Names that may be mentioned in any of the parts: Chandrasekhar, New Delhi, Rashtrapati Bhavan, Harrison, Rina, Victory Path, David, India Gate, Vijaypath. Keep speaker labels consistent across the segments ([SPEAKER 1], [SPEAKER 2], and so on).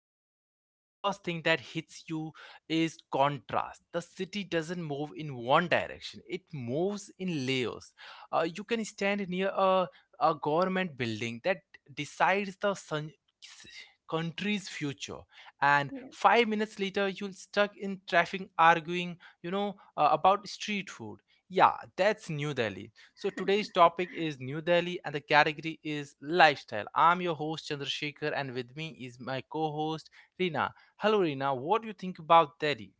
[SPEAKER 1] Delhi, you know, the first thing that hits you is contrast. The city doesn't move in one direction, it moves in layers. You can stand near a government building that decides the sun, country's future, and
[SPEAKER 2] Yeah.
[SPEAKER 1] 5 minutes later you'll stuck in traffic arguing, about street food. Yeah, that's New Delhi. So today's topic is New Delhi and the category is lifestyle. I'm your host Chandrasekhar and with me is my co-host Rina. Hello Rina, what do you think about Delhi?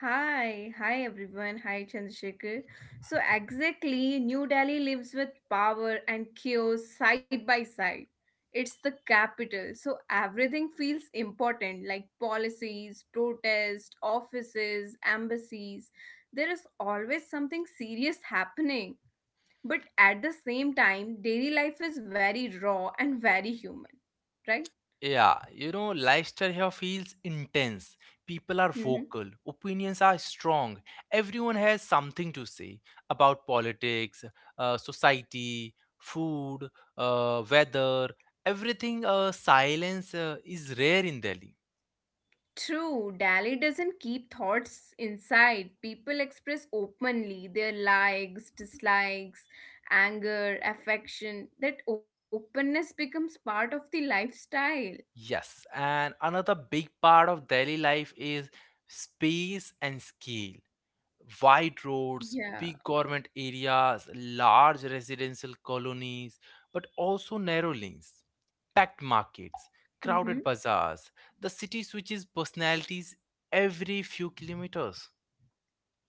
[SPEAKER 2] Hi everyone. Hi Chandrasekhar. So exactly, New Delhi lives with power and chaos side by side. It's the capital, so everything feels important like policies, protests, offices, embassies. There is always something serious happening. But at the same time, daily life is very raw and very human, right?
[SPEAKER 1] Yeah, you know, lifestyle here feels intense. People are
[SPEAKER 2] Mm-hmm.
[SPEAKER 1] vocal, opinions are strong, everyone has something to say about politics, society, food, weather, everything. Silence is rare in Delhi.
[SPEAKER 2] True, Dali doesn't keep thoughts inside. People express openly their likes, dislikes, anger, affection. That openness becomes part of the lifestyle.
[SPEAKER 1] Yes, and another big part of Delhi life is space and scale. Wide roads, big
[SPEAKER 2] Yeah.
[SPEAKER 1] government areas, large residential colonies, but also narrow lanes, packed markets,
[SPEAKER 2] Mm-hmm.
[SPEAKER 1] crowded bazaars. The city switches personalities every few kilometers.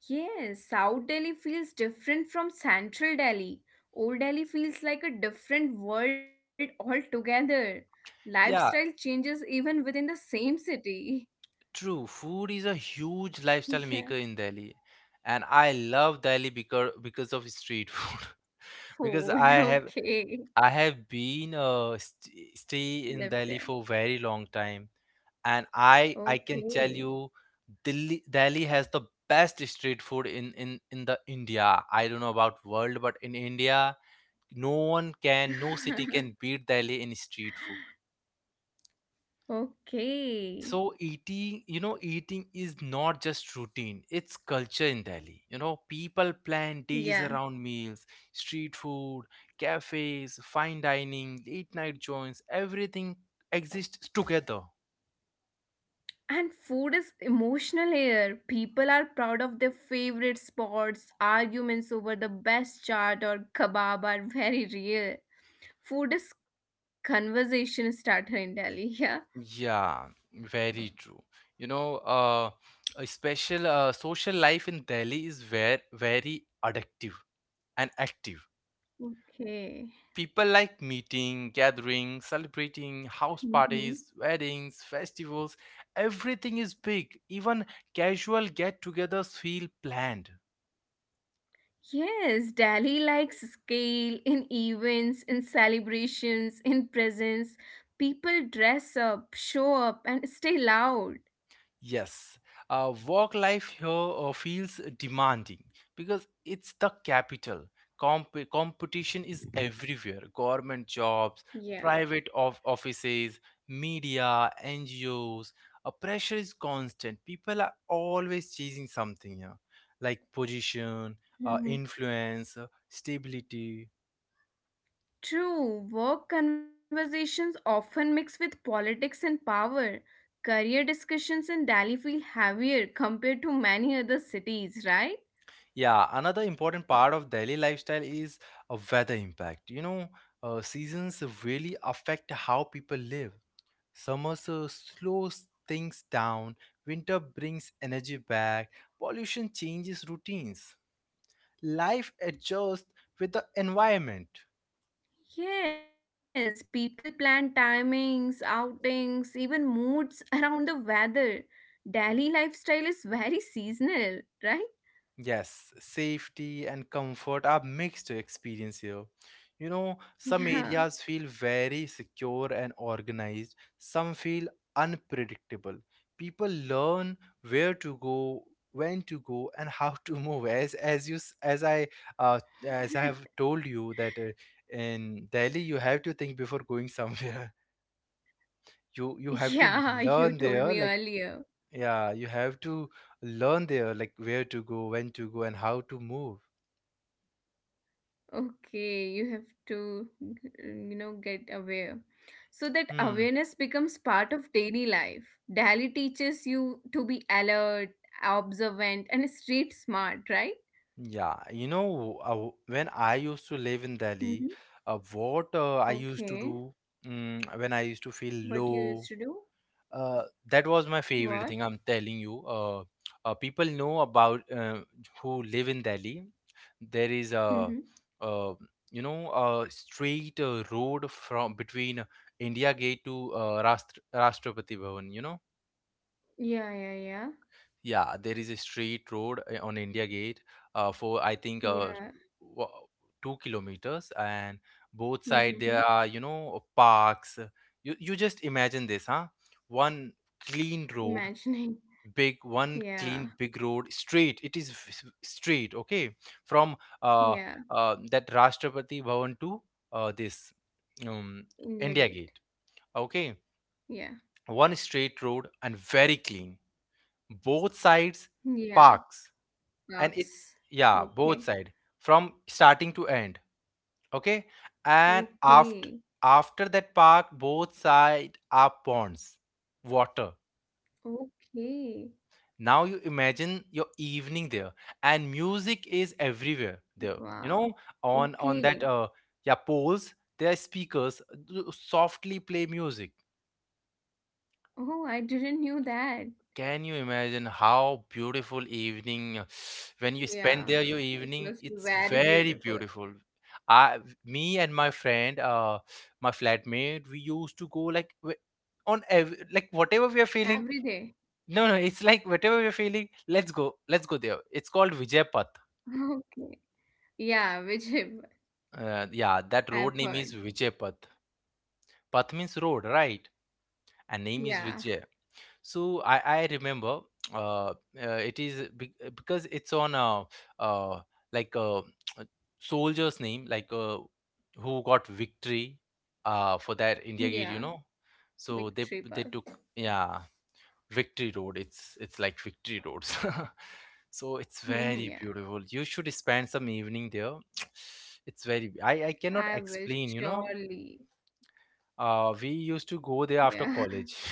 [SPEAKER 2] Yes, South Delhi feels different from Central Delhi. Old Delhi feels like a different world altogether.
[SPEAKER 1] Yeah,
[SPEAKER 2] Lifestyle changes even within the same city.
[SPEAKER 1] true. Food is a huge lifestyle maker
[SPEAKER 2] Yeah.
[SPEAKER 1] in Delhi. And I love Delhi because of street food. Because I
[SPEAKER 2] Food.
[SPEAKER 1] have
[SPEAKER 2] Okay.
[SPEAKER 1] I have been stay in
[SPEAKER 2] Live
[SPEAKER 1] Delhi
[SPEAKER 2] there.
[SPEAKER 1] for very long time, and I can tell
[SPEAKER 2] Okay.
[SPEAKER 1] you, Delhi has the best street food in the India. I don't know about world, but in India, no no city can beat Delhi in street food.
[SPEAKER 2] Okay.
[SPEAKER 1] So eating, you know, eating is not just routine, it's culture in Delhi. You know, people plan days
[SPEAKER 2] Yeah.
[SPEAKER 1] around meals, street food, cafes, fine dining, late night joints, everything exists together.
[SPEAKER 2] And food is emotional here. People are proud of their favorite spots. Arguments over the best chaat or kebab are very real. Food is conversation starter in Delhi. Yeah.
[SPEAKER 1] Yeah, very true. You know, uh, a special social life in Delhi is very, very addictive and active.
[SPEAKER 2] Okay.
[SPEAKER 1] People like meeting, gathering, celebrating, house
[SPEAKER 2] Hmm.
[SPEAKER 1] parties, weddings, festivals. Everything is big. Even casual get togethers feel planned.
[SPEAKER 2] Yes, Delhi likes scale in events, in celebrations, in presents. People dress up, show up, and stay loud.
[SPEAKER 1] Yes, work life here feels demanding because it's the capital. Competition is everywhere: government jobs,
[SPEAKER 2] Yeah.
[SPEAKER 1] offices, media, NGOs. Pressure is constant. People are always chasing something here, like position,
[SPEAKER 2] Mm-hmm.
[SPEAKER 1] influence, stability.
[SPEAKER 2] True, work conversations often mix with politics and power. Career discussions in Delhi feel heavier compared to many other cities, right?
[SPEAKER 1] Yeah, another important part of Delhi lifestyle is a weather impact. You know, seasons really affect how people live. Summer so slows things down, winter brings energy back, pollution changes routines. Life adjusts with the environment.
[SPEAKER 2] Yes, people plan timings, outings, even moods around the weather. Delhi lifestyle is very seasonal, right?
[SPEAKER 1] Yes, safety and comfort are mixed to experience here. You know, some areas feel
[SPEAKER 2] Yeah.
[SPEAKER 1] very secure and organized, some feel unpredictable. People learn where to go, when to go, and how to move. As you s- uh, as I have told you that in Delhi you have to think before going somewhere. You have to
[SPEAKER 2] Yeah, you
[SPEAKER 1] learn
[SPEAKER 2] told
[SPEAKER 1] there,
[SPEAKER 2] me
[SPEAKER 1] like
[SPEAKER 2] earlier.
[SPEAKER 1] yeah, you have to learn there, like where to go, when to go, and how to move.
[SPEAKER 2] Okay, you have to get aware. So that
[SPEAKER 1] Hmm.
[SPEAKER 2] awareness becomes part of daily life. Dali teaches you to be alert, observant, and street smart, right?
[SPEAKER 1] Yeah, you know, when I used to live in Delhi,
[SPEAKER 2] Mm-hmm.
[SPEAKER 1] what I used to
[SPEAKER 2] Okay,
[SPEAKER 1] do when I used to feel
[SPEAKER 2] what you used
[SPEAKER 1] low,
[SPEAKER 2] to do?
[SPEAKER 1] uh, that was my favorite
[SPEAKER 2] What?
[SPEAKER 1] thing. I'm telling you, people know about who live in Delhi. There is
[SPEAKER 2] Mm-hmm.
[SPEAKER 1] uh, you know, a straight road from between India Gate to Rashtrapati Bhavan. You know,
[SPEAKER 2] Yeah, yeah, yeah.
[SPEAKER 1] yeah, there is a straight road on India Gate for I think
[SPEAKER 2] Yeah.
[SPEAKER 1] wa- 2 kilometers, and both side there are,
[SPEAKER 2] Mm-hmm.
[SPEAKER 1] you know, parks. You just imagine this, huh? One clean road,
[SPEAKER 2] Imagining.
[SPEAKER 1] big one clean
[SPEAKER 2] Yeah,
[SPEAKER 1] big road, straight. It is straight, okay, from uh,
[SPEAKER 2] yeah.
[SPEAKER 1] that Rashtrapati Bhavan to this um,
[SPEAKER 2] India
[SPEAKER 1] India
[SPEAKER 2] Gate.
[SPEAKER 1] Gate, okay.
[SPEAKER 2] Yeah,
[SPEAKER 1] One straight road and very clean. Both sides
[SPEAKER 2] yeah.
[SPEAKER 1] parks, and it's
[SPEAKER 2] Box.
[SPEAKER 1] yeah both
[SPEAKER 2] Okay,
[SPEAKER 1] side from starting to end, okay, and after
[SPEAKER 2] okay,
[SPEAKER 1] after that park both side are ponds, water.
[SPEAKER 2] okay.
[SPEAKER 1] Now you imagine your evening there, and music is everywhere there, you know,
[SPEAKER 2] Wow.
[SPEAKER 1] on that
[SPEAKER 2] Okay.
[SPEAKER 1] yeah poles, there are speakers softly play music.
[SPEAKER 2] Oh, I didn't knew that.
[SPEAKER 1] Can you imagine how beautiful evening when you spend
[SPEAKER 2] Yeah,
[SPEAKER 1] there your
[SPEAKER 2] it
[SPEAKER 1] evening,
[SPEAKER 2] must be
[SPEAKER 1] it's
[SPEAKER 2] very
[SPEAKER 1] very
[SPEAKER 2] beautiful
[SPEAKER 1] beautiful. I Me and my friend, my flatmate, we used to go like like whatever we are
[SPEAKER 2] every
[SPEAKER 1] feeling,
[SPEAKER 2] day.
[SPEAKER 1] no, it's like whatever we are feeling, let's go, let's go there. It's called Vijaypath.
[SPEAKER 2] Okay. Yeah, which
[SPEAKER 1] Yeah, that road
[SPEAKER 2] I've
[SPEAKER 1] name is
[SPEAKER 2] heard.
[SPEAKER 1] Vijaypath. Path means road, right, and name is
[SPEAKER 2] Yeah,
[SPEAKER 1] Vijay. So I remember, because it's on uh, like uh, a soldier's name, like who got victory for that India Gate, you
[SPEAKER 2] yeah,
[SPEAKER 1] know. So they
[SPEAKER 2] Victory
[SPEAKER 1] they
[SPEAKER 2] Path.
[SPEAKER 1] took, yeah, Victory Road. It's like Victory Roads. So it's very
[SPEAKER 2] Yeah,
[SPEAKER 1] beautiful. You should spend some evening there. It's very I cannot
[SPEAKER 2] I will
[SPEAKER 1] explain. You know,
[SPEAKER 2] surely.
[SPEAKER 1] we used to go there
[SPEAKER 2] Yeah,
[SPEAKER 1] after college.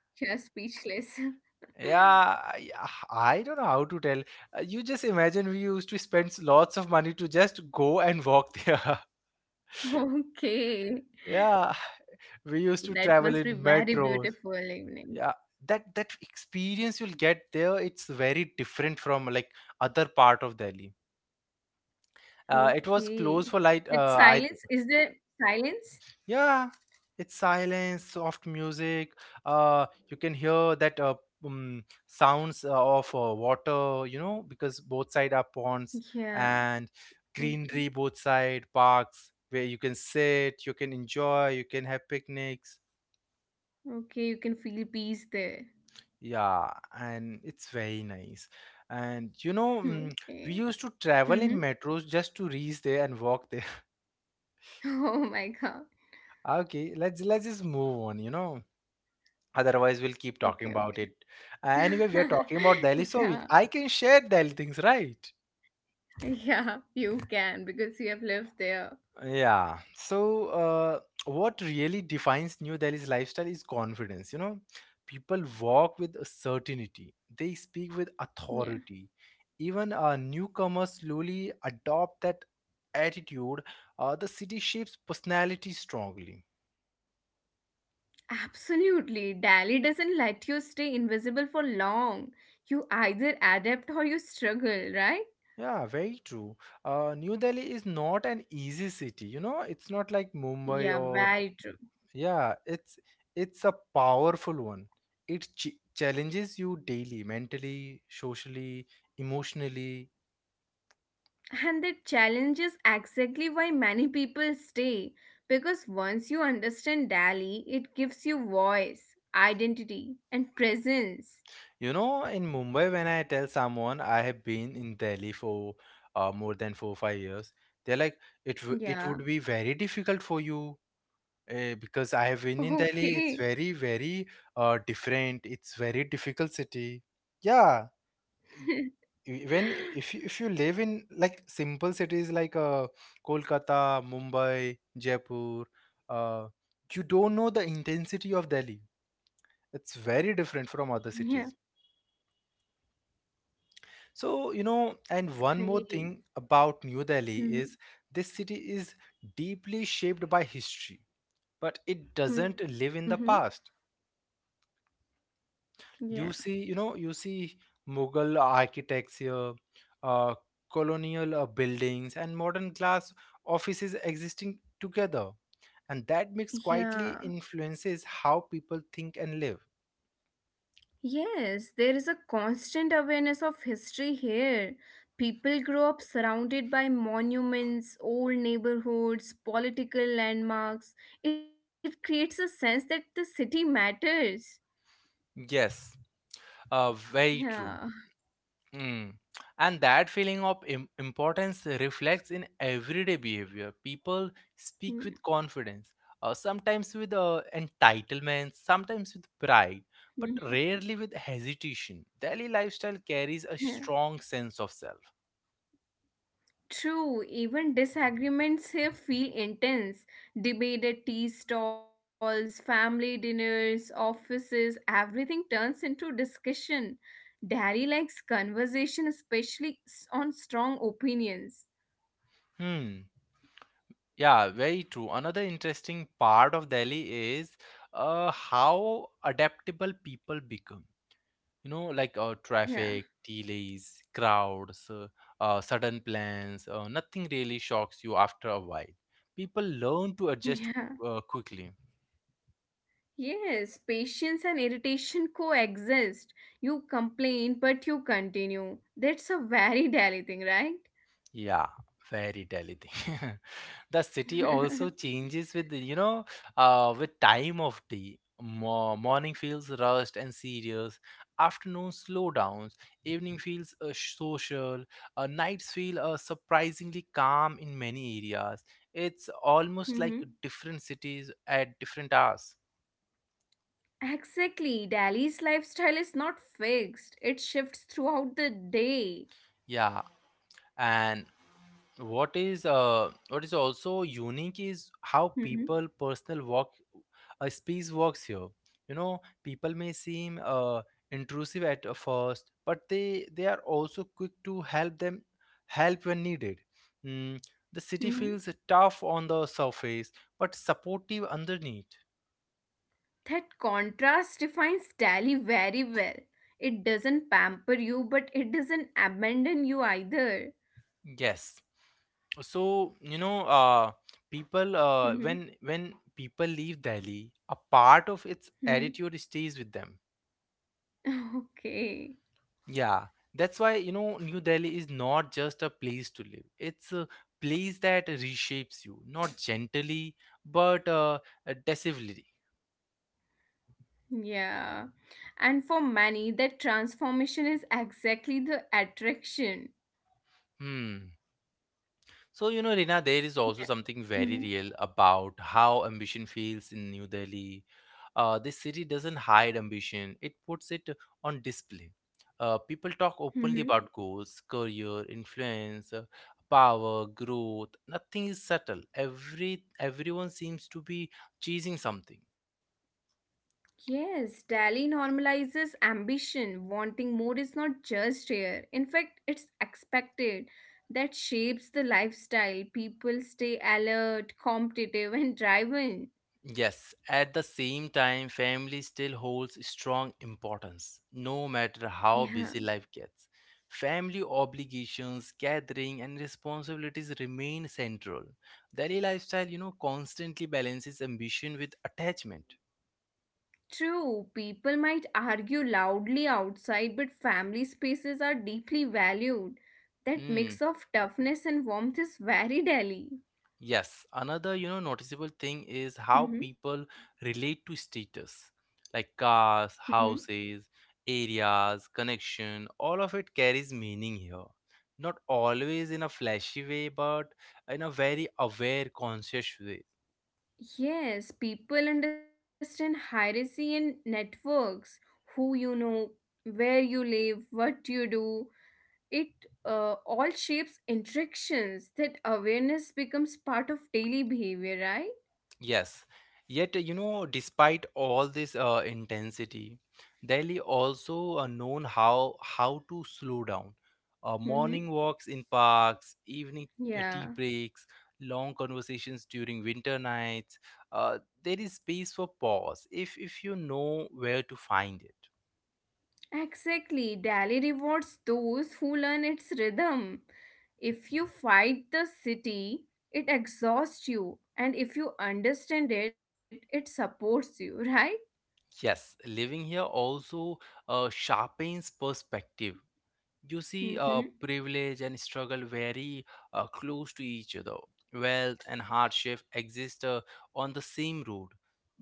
[SPEAKER 2] you're speechless.
[SPEAKER 1] Yeah, I, I don't know how to tell. You just imagine, we used to spend lots of money to just go and walk there.
[SPEAKER 2] Okay.
[SPEAKER 1] Yeah, we
[SPEAKER 2] So that
[SPEAKER 1] used to
[SPEAKER 2] must be
[SPEAKER 1] travel in
[SPEAKER 2] very
[SPEAKER 1] metros.
[SPEAKER 2] beautiful evening.
[SPEAKER 1] Yeah, that experience you'll get there, it's very different from like other part of Delhi. Uh, it was
[SPEAKER 2] Okay.
[SPEAKER 1] closed for like
[SPEAKER 2] That
[SPEAKER 1] uh, I
[SPEAKER 2] silence, is there silence?
[SPEAKER 1] Yeah, it's silence, soft music. You can hear that sounds of water, you know, because both side are ponds
[SPEAKER 2] Yeah.
[SPEAKER 1] and
[SPEAKER 2] Okay.
[SPEAKER 1] greenery both side, parks where you can sit, you can enjoy, you can have picnics.
[SPEAKER 2] Okay, you can feel peace there.
[SPEAKER 1] Yeah, and it's very nice. And you know, mm, We
[SPEAKER 2] Okay.
[SPEAKER 1] used to travel in
[SPEAKER 2] Mm-hmm.
[SPEAKER 1] metros just to reach there and walk there.
[SPEAKER 2] Oh my God.
[SPEAKER 1] Okay, let's just move on, you know. Otherwise, we'll keep
[SPEAKER 2] Okay,
[SPEAKER 1] talking
[SPEAKER 2] okay.
[SPEAKER 1] about it. Anyway, we are talking about Delhi, so
[SPEAKER 2] Yeah,
[SPEAKER 1] I can share Delhi things, right?
[SPEAKER 2] yeah, you can because you have lived there.
[SPEAKER 1] Yeah. So, what really defines New Delhi's lifestyle is confidence. You know, people walk with a certainty, they speak with
[SPEAKER 2] Yeah,
[SPEAKER 1] authority. Even newcomers slowly adopt that attitude. The city shapes personality strongly.
[SPEAKER 2] absolutely. Dali doesn't let you stay invisible for long. You either adapt or you struggle, right?
[SPEAKER 1] Yeah, very true. New Delhi is not an easy city. You know, it's not like Mumbai
[SPEAKER 2] Yeah,
[SPEAKER 1] or,
[SPEAKER 2] very true.
[SPEAKER 1] yeah, it's a powerful one. It challenges you daily, mentally, socially, emotionally.
[SPEAKER 2] And that challenge is exactly why many people stay. Because once you understand Dali, it gives you voice, identity, and presence.
[SPEAKER 1] You know, in Mumbai, when I tell someone I have been in Delhi for more than 4 5 years, they're like, it
[SPEAKER 2] Yeah.
[SPEAKER 1] would be very difficult for you because I have been in Delhi. It's
[SPEAKER 2] Okay.
[SPEAKER 1] very very different. It's very difficult city. Yeah, When, if you live in like simple cities like Kolkata, Mumbai, Jaipur, uh, you don't know the intensity of Delhi. It's very different from other
[SPEAKER 2] Yeah,
[SPEAKER 1] cities. So, you know, and one
[SPEAKER 2] that's
[SPEAKER 1] more thing
[SPEAKER 2] great.
[SPEAKER 1] about New Delhi is this city is deeply shaped by history, but it doesn't
[SPEAKER 2] Mm-hmm.
[SPEAKER 1] live in the past.
[SPEAKER 2] Yeah.
[SPEAKER 1] You see, you know, you see Mughal architecture, uh, colonial buildings, and modern glass offices existing together, and that mix quietly
[SPEAKER 2] Yeah.
[SPEAKER 1] influences how people think and live.
[SPEAKER 2] Yes, there is a constant awareness of history here. People grow up surrounded by monuments, old neighborhoods, political landmarks. It creates a sense that the city matters.
[SPEAKER 1] Yes, very true.
[SPEAKER 2] Yeah.
[SPEAKER 1] Mm. And that feeling of importance reflects in everyday behavior. People speak with confidence, sometimes with entitlement, sometimes with pride, but rarely with hesitation. Daily lifestyle carries a
[SPEAKER 2] Yeah.
[SPEAKER 1] strong sense of self.
[SPEAKER 2] True, even disagreements here feel intense. Debate at tea stalls, family dinners, offices, everything turns into discussion. Daddy likes conversation, especially on strong opinions.
[SPEAKER 1] Hmm. Yeah, very true. Another interesting part of Delhi is how adaptable people become. You know, like
[SPEAKER 2] Yeah,
[SPEAKER 1] traffic delays, crowds, sudden plans, nothing really shocks you after a while, people learn to adjust
[SPEAKER 2] yeah.
[SPEAKER 1] quickly.
[SPEAKER 2] Yes, patience and irritation coexist. You complain, but you continue. That's a very daily thing, right?
[SPEAKER 1] Yeah, very Delhi thing. The city also changes with you know with time of day. Morning feels rushed and serious. Afternoon slowdowns. Evening feels social. Nights feel surprisingly calm in many areas. It's almost like
[SPEAKER 2] Hmm.
[SPEAKER 1] different cities at different hours.
[SPEAKER 2] Exactly. Delhi's lifestyle is not fixed. It shifts throughout the day.
[SPEAKER 1] Yeah, and what is also unique is how
[SPEAKER 2] Hmm.
[SPEAKER 1] people personal walk a space walks here, you know, people may seem intrusive at first, but they are also quick to help them, help when needed. Mm, the city
[SPEAKER 2] Hmm.
[SPEAKER 1] feels tough on the surface but supportive underneath.
[SPEAKER 2] That contrast defines Dali very well. It doesn't pamper you, but it doesn't abandon you either.
[SPEAKER 1] Yes, so you know, people
[SPEAKER 2] Hmm.
[SPEAKER 1] when people leave Delhi, a part of its
[SPEAKER 2] Hmm.
[SPEAKER 1] attitude stays with them.
[SPEAKER 2] Okay.
[SPEAKER 1] Yeah, that's why, you know, New Delhi is not just a place to live. It's a place that reshapes you, not gently but decisively.
[SPEAKER 2] Yeah. And for many, that transformation is exactly the attraction.
[SPEAKER 1] Hmm. So you know, Rina, there is also
[SPEAKER 2] Yeah.
[SPEAKER 1] something very
[SPEAKER 2] Hmm.
[SPEAKER 1] real about how ambition feels in New Delhi. This city doesn't hide ambition, it puts it on display. People talk openly
[SPEAKER 2] Hmm.
[SPEAKER 1] about goals, career, influence, power, growth. Nothing is subtle. Everyone seems to be chasing something.
[SPEAKER 2] Yes, Dali normalizes ambition. Wanting more is not just here. In fact, it's expected. That shapes the lifestyle. People stay alert, competitive, and driven.
[SPEAKER 1] Yes, at the same time, family still holds strong importance, no matter how
[SPEAKER 2] Yeah.
[SPEAKER 1] busy life gets. Family obligations, gathering, and responsibilities remain central. Daily lifestyle, you know, constantly balances ambition with attachment.
[SPEAKER 2] True, people might argue loudly outside, but family spaces are deeply valued. That
[SPEAKER 1] Hmm.
[SPEAKER 2] mix of toughness and warmth is very Dali.
[SPEAKER 1] Yes, another, you know, noticeable thing is how
[SPEAKER 2] Mm-hmm.
[SPEAKER 1] people relate to status, like cars,
[SPEAKER 2] Mm-hmm.
[SPEAKER 1] houses, areas, connection, all of it carries meaning here. Not always in a flashy way, but in a very aware, conscious way.
[SPEAKER 2] Yes, people understand hierarchy in networks, who you know, where you live, what you do. It all shapes interactions. That awareness becomes part of daily behavior, right?
[SPEAKER 1] Yes. Yet, you know, despite all this intensity, Delhi also known how to slow down. Morning
[SPEAKER 2] Mm-hmm.
[SPEAKER 1] walks in parks, evening tea
[SPEAKER 2] Yeah,
[SPEAKER 1] breaks, long conversations during winter nights. There is space for pause if you know where to find it.
[SPEAKER 2] exactly. Delhi rewards those who learn its rhythm. If you fight the city, it exhausts you, and if you understand it, it supports you, right?
[SPEAKER 1] Yes, living here also sharpens perspective. You see,
[SPEAKER 2] Mm-hmm.
[SPEAKER 1] privilege and struggle very close to each other. Wealth and hardship exist on the same road.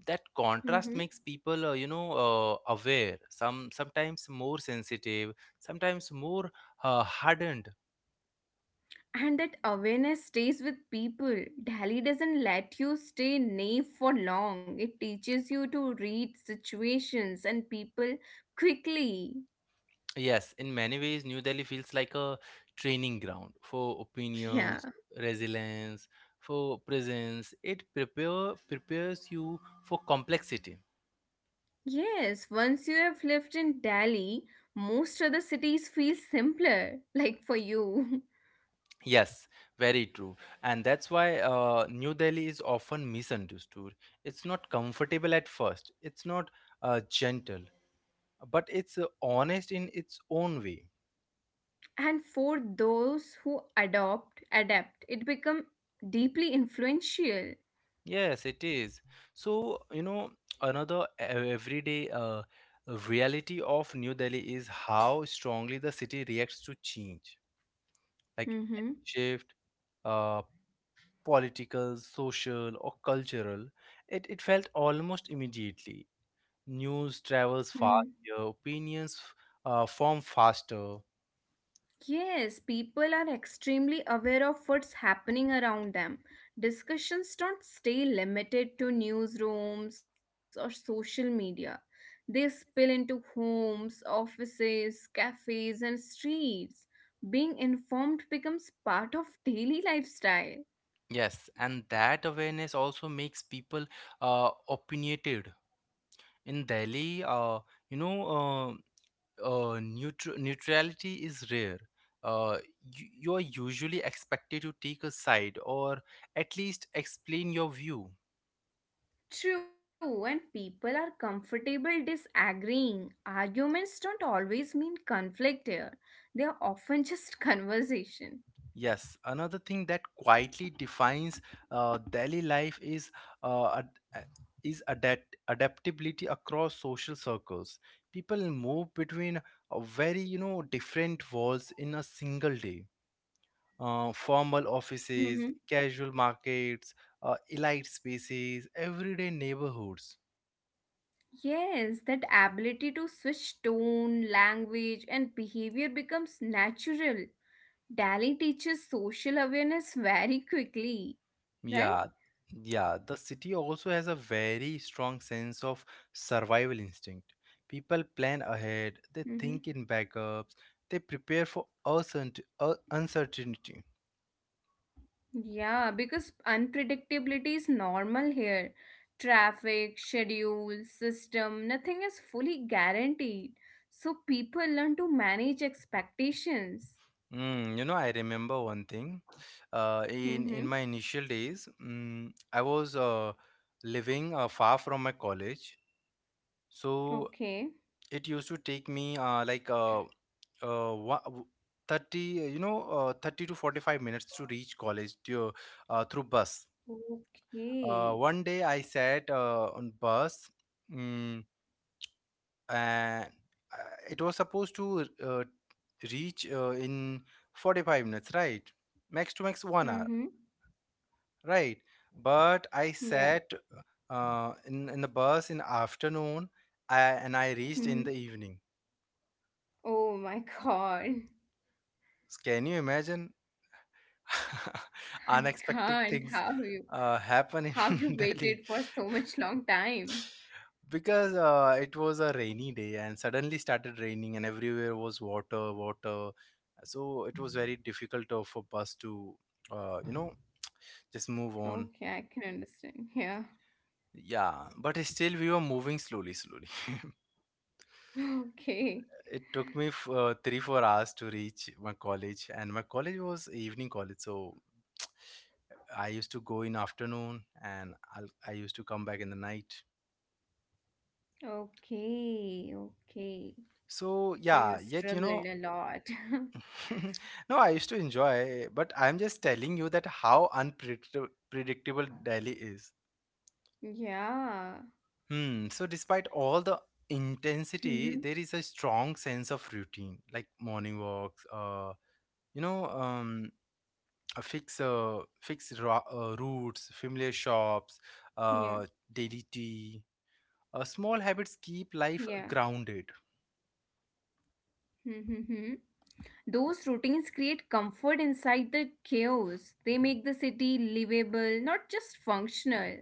[SPEAKER 1] That contrast makes people, aware. Sometimes more sensitive, sometimes more hardened.
[SPEAKER 2] And that awareness stays with people. Delhi doesn't let you stay naive for long. It teaches you to read situations and people quickly.
[SPEAKER 1] Yes, in many ways, New Delhi feels like a training ground for opinions,
[SPEAKER 2] Yeah.
[SPEAKER 1] resilience, for presence. It prepares you for complexity.
[SPEAKER 2] Yes, once you have lived in Delhi, most other cities feel simpler, like for you.
[SPEAKER 1] Yes, very true. And that's why New Delhi is often misunderstood. It's not comfortable at first, it's not gentle, but it's honest in its own way.
[SPEAKER 2] And for those who adapt, it become deeply influential.
[SPEAKER 1] Yes, it is. So, you know, another everyday reality of New Delhi is how strongly the city reacts to change, like
[SPEAKER 2] Mm-hmm.
[SPEAKER 1] shift, uh, political, social, or cultural. It felt almost immediately. News travels
[SPEAKER 2] Mm-hmm.
[SPEAKER 1] faster, opinions form faster.
[SPEAKER 2] Yes, people are extremely aware of what's happening around them. Discussions don't stay limited to newsrooms or social media. They spill into homes, offices, cafes, and streets. Being informed becomes part of daily lifestyle.
[SPEAKER 1] Yes, and that awareness also makes people opinionated. In Delhi, you know, uh, neutrality is rare. Uh, you are usually expected to take a side or at least explain your view.
[SPEAKER 2] True, and people are comfortable disagreeing. Arguments don't always mean conflict here, they are often just conversation.
[SPEAKER 1] Yes, another thing that quietly defines daily life uh, ad- a- is adaptability across social circles. People move between a very different worlds in a single day. Formal offices, casual markets, elite spaces, everyday neighborhoods.
[SPEAKER 2] Yes, that ability to switch tone, language, and behavior becomes natural. Dali teaches social awareness very quickly, right?
[SPEAKER 1] Yeah, yeah. The city also has a very strong sense of survival instinct. People plan ahead,
[SPEAKER 2] Hmm.
[SPEAKER 1] they think in backups, they prepare for uncertainty.
[SPEAKER 2] Yeah, because unpredictability is normal here. Traffic, schedule, system, nothing is fully guaranteed. So people learn to manage expectations.
[SPEAKER 1] I remember one thing. In
[SPEAKER 2] Mm-hmm.
[SPEAKER 1] my initial days, I was living far from my college, so
[SPEAKER 2] Okay.
[SPEAKER 1] it used to take me like, uh, wha- w- 30, 30 to 45 minutes to reach college, through bus.
[SPEAKER 2] Okay.
[SPEAKER 1] One day I sat on bus, mm, and it was supposed to reach in 45 minutes, right? Max to max one hour,
[SPEAKER 2] Mm-hmm.
[SPEAKER 1] right? But I sat in the bus in afternoon. And I reached
[SPEAKER 2] Yeah.
[SPEAKER 1] in the evening.
[SPEAKER 2] Oh my God.
[SPEAKER 1] Can you imagine?
[SPEAKER 2] I
[SPEAKER 1] Unexpected
[SPEAKER 2] can't.
[SPEAKER 1] things
[SPEAKER 2] How you
[SPEAKER 1] happen
[SPEAKER 2] how you
[SPEAKER 1] in Delhi
[SPEAKER 2] waited for so much long time.
[SPEAKER 1] because it was a rainy day and suddenly started raining and everywhere was water, water. So it was very difficult for bus to, uh, you know, just move on.
[SPEAKER 2] Okay, I can understand. Yeah.
[SPEAKER 1] Yeah, but still we were moving slowly, slowly.
[SPEAKER 2] Okay.
[SPEAKER 1] It took me 3, 4 hours to reach my college, and my college was evening college, so I used to go in afternoon and I used to come back in the night.
[SPEAKER 2] Okay. Okay.
[SPEAKER 1] So yeah,
[SPEAKER 2] So you
[SPEAKER 1] yet you know.
[SPEAKER 2] struggled a lot.
[SPEAKER 1] No, I used to enjoy, but I'm just telling you that how unpredictable predictable Delhi is.
[SPEAKER 2] Yeah.
[SPEAKER 1] Hmm. So despite all the intensity, there
[SPEAKER 2] Mm-hmm.
[SPEAKER 1] is a strong sense of routine, like morning walks, you know, um, fixed routes, familiar shops, uh, daily
[SPEAKER 2] Yeah.
[SPEAKER 1] tea. Small habits
[SPEAKER 2] Yeah.
[SPEAKER 1] keep life grounded.
[SPEAKER 2] Mm-hmm. Those routines create comfort inside the chaos. They make the city livable, not just functional.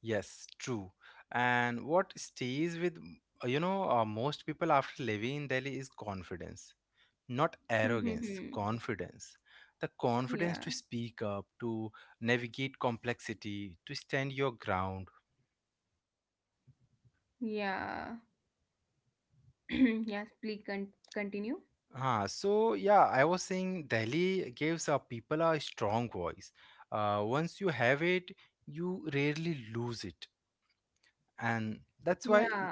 [SPEAKER 1] Yes, true. And what stays with, most people after living in Delhi is confidence, not arrogance,
[SPEAKER 2] Mm-hmm.
[SPEAKER 1] confidence. The confidence to
[SPEAKER 2] Yeah.
[SPEAKER 1] speak up, to navigate complexity, to stand your ground.
[SPEAKER 2] Yeah. Yes, please continue.
[SPEAKER 1] Ah, so yeah, I was saying Delhi gives our people a strong voice. Once you have it, you rarely lose it, and that's why
[SPEAKER 2] Yeah.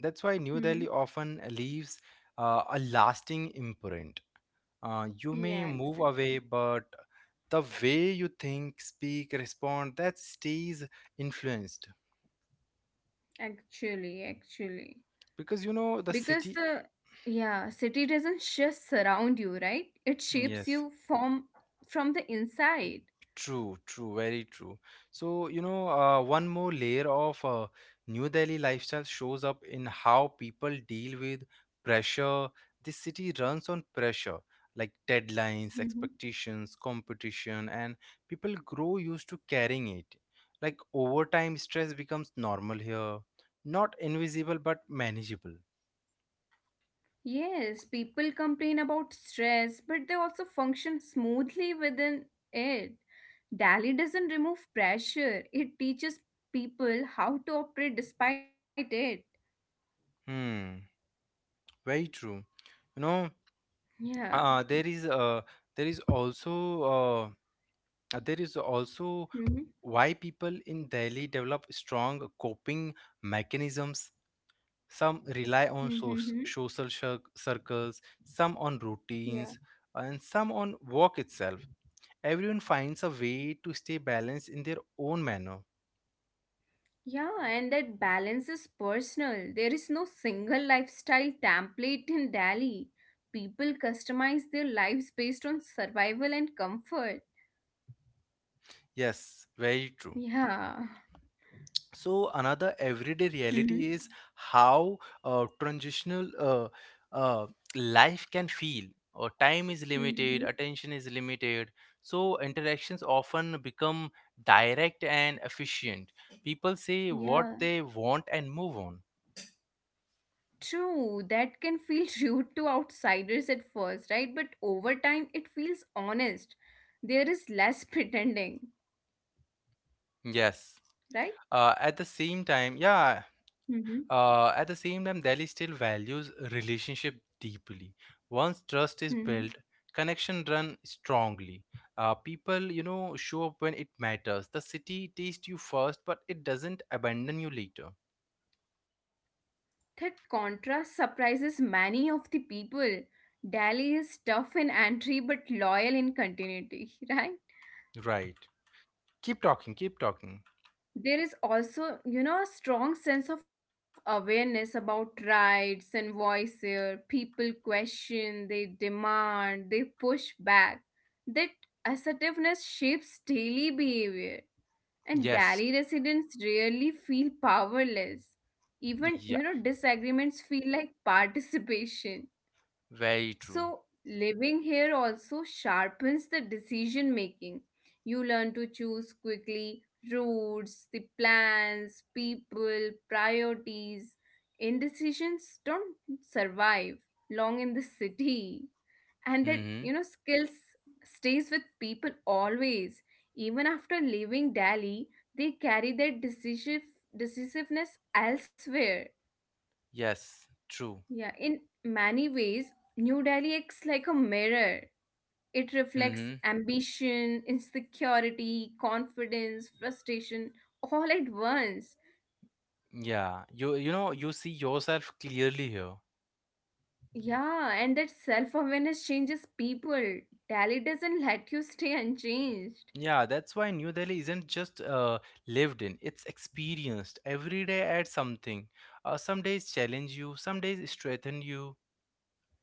[SPEAKER 1] that's why New
[SPEAKER 2] Hmm.
[SPEAKER 1] Delhi often leaves a lasting imprint. You
[SPEAKER 2] Yeah,
[SPEAKER 1] may move
[SPEAKER 2] exactly.
[SPEAKER 1] away, but the way you think, speak, respond, that stays influenced
[SPEAKER 2] Actually.
[SPEAKER 1] because you know the
[SPEAKER 2] Because
[SPEAKER 1] city.
[SPEAKER 2] the, yeah, city doesn't just surround you, right? It shapes
[SPEAKER 1] Yes,
[SPEAKER 2] you from the inside.
[SPEAKER 1] true, true, very true. So, you know, one more layer of New Delhi lifestyle shows up in how people deal with pressure. This city runs on pressure, like deadlines,
[SPEAKER 2] Hmm.
[SPEAKER 1] expectations, competition, and people grow used to carrying it. Like overtime stress becomes normal here, not invisible but manageable.
[SPEAKER 2] Yes, people complain about stress, but they also function smoothly within it. Dali doesn't remove pressure. It teaches people how to operate despite it.
[SPEAKER 1] Hmm, very true, you know.
[SPEAKER 2] Yeah.
[SPEAKER 1] uh, there is uh, there is also uh, there is also
[SPEAKER 2] Mm-hmm.
[SPEAKER 1] why people in Delhi develop strong coping mechanisms. Some rely on
[SPEAKER 2] Mm-hmm.
[SPEAKER 1] social circles, some on
[SPEAKER 2] Yeah.
[SPEAKER 1] routines, and some on work itself. Everyone finds a way to stay balanced in their own manner.
[SPEAKER 2] Yeah, and that balance is personal. There is no single lifestyle template in Delhi. People customize their lives based on survival and comfort.
[SPEAKER 1] Yes, very true.
[SPEAKER 2] Yeah.
[SPEAKER 1] So another everyday reality
[SPEAKER 2] Mhm.
[SPEAKER 1] is how transitional uh, life can feel. Or time is limited,
[SPEAKER 2] Mhm.
[SPEAKER 1] attention is limited, so interactions often become direct and efficient. People say what
[SPEAKER 2] Yeah.
[SPEAKER 1] they want and move on.
[SPEAKER 2] True, that can feel rude to outsiders at first, right? But over time, it feels honest. There is less pretending,
[SPEAKER 1] Yes.
[SPEAKER 2] right?
[SPEAKER 1] uh, at the same time yeah
[SPEAKER 2] Mm-hmm.
[SPEAKER 1] At the same time, Delhi still values relationship deeply. Once trust is built, connection run strongly. People, show up when it matters. The city tastes you first, but it doesn't abandon you later.
[SPEAKER 2] That contrast surprises many of the people. Delhi is tough in entry but loyal in continuity, right?
[SPEAKER 1] Right. Keep talking. Keep talking.
[SPEAKER 2] There is also, a strong sense of awareness about rights and voice here. People question, they demand, they push back. That assertiveness shapes daily behavior. And
[SPEAKER 1] Yes.
[SPEAKER 2] Delhi residents rarely feel powerless. Even,
[SPEAKER 1] Yeah.
[SPEAKER 2] you know, disagreements feel like participation.
[SPEAKER 1] Very true.
[SPEAKER 2] So, living here also sharpens the decision making. You learn to choose quickly routes, the plans, people, priorities. Indecisions don't survive long in the city. And that,
[SPEAKER 1] Hmm.
[SPEAKER 2] you know, skills stays with people always. Even after leaving Delhi, they carry their decisiveness elsewhere.
[SPEAKER 1] Yes. True.
[SPEAKER 2] Yeah, in many ways, New Delhi acts like a mirror. It reflects
[SPEAKER 1] Hmm.
[SPEAKER 2] ambition, insecurity, confidence, frustration all at once.
[SPEAKER 1] Yeah. You know you see yourself clearly here.
[SPEAKER 2] Yeah, and that self awareness changes people. Delhi doesn't let you stay unchanged.
[SPEAKER 1] Yeah, that's why New Delhi isn't just lived in, it's experienced. Every day adds something. Some days challenge you, some days strengthen you.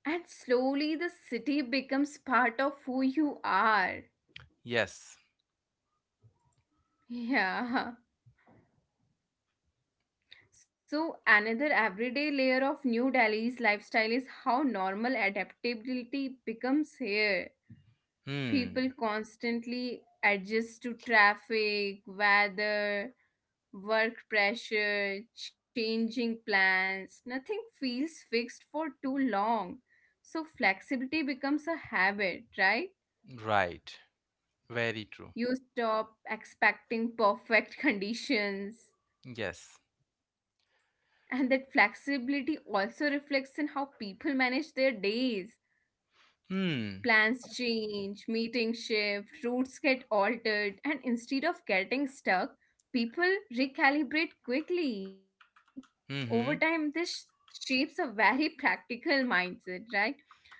[SPEAKER 2] And slowly the city becomes part of who you are.
[SPEAKER 1] Yes.
[SPEAKER 2] Yeah. So, another everyday layer of New Delhi's lifestyle is how normal adaptability becomes here.
[SPEAKER 1] Hmm.
[SPEAKER 2] People constantly adjust to traffic, weather, work pressure, changing plans. Nothing feels fixed for too long. So, flexibility becomes a habit, right?
[SPEAKER 1] Right. Very true.
[SPEAKER 2] You stop expecting perfect conditions.
[SPEAKER 1] Yes.
[SPEAKER 2] And that flexibility also reflects in how people manage their days.
[SPEAKER 1] Hmm.
[SPEAKER 2] Plans change, meetings shift, routes get altered, and instead of getting stuck, people recalibrate quickly. Over
[SPEAKER 1] Mm-hmm.
[SPEAKER 2] time, this shapes a very practical mindset, right?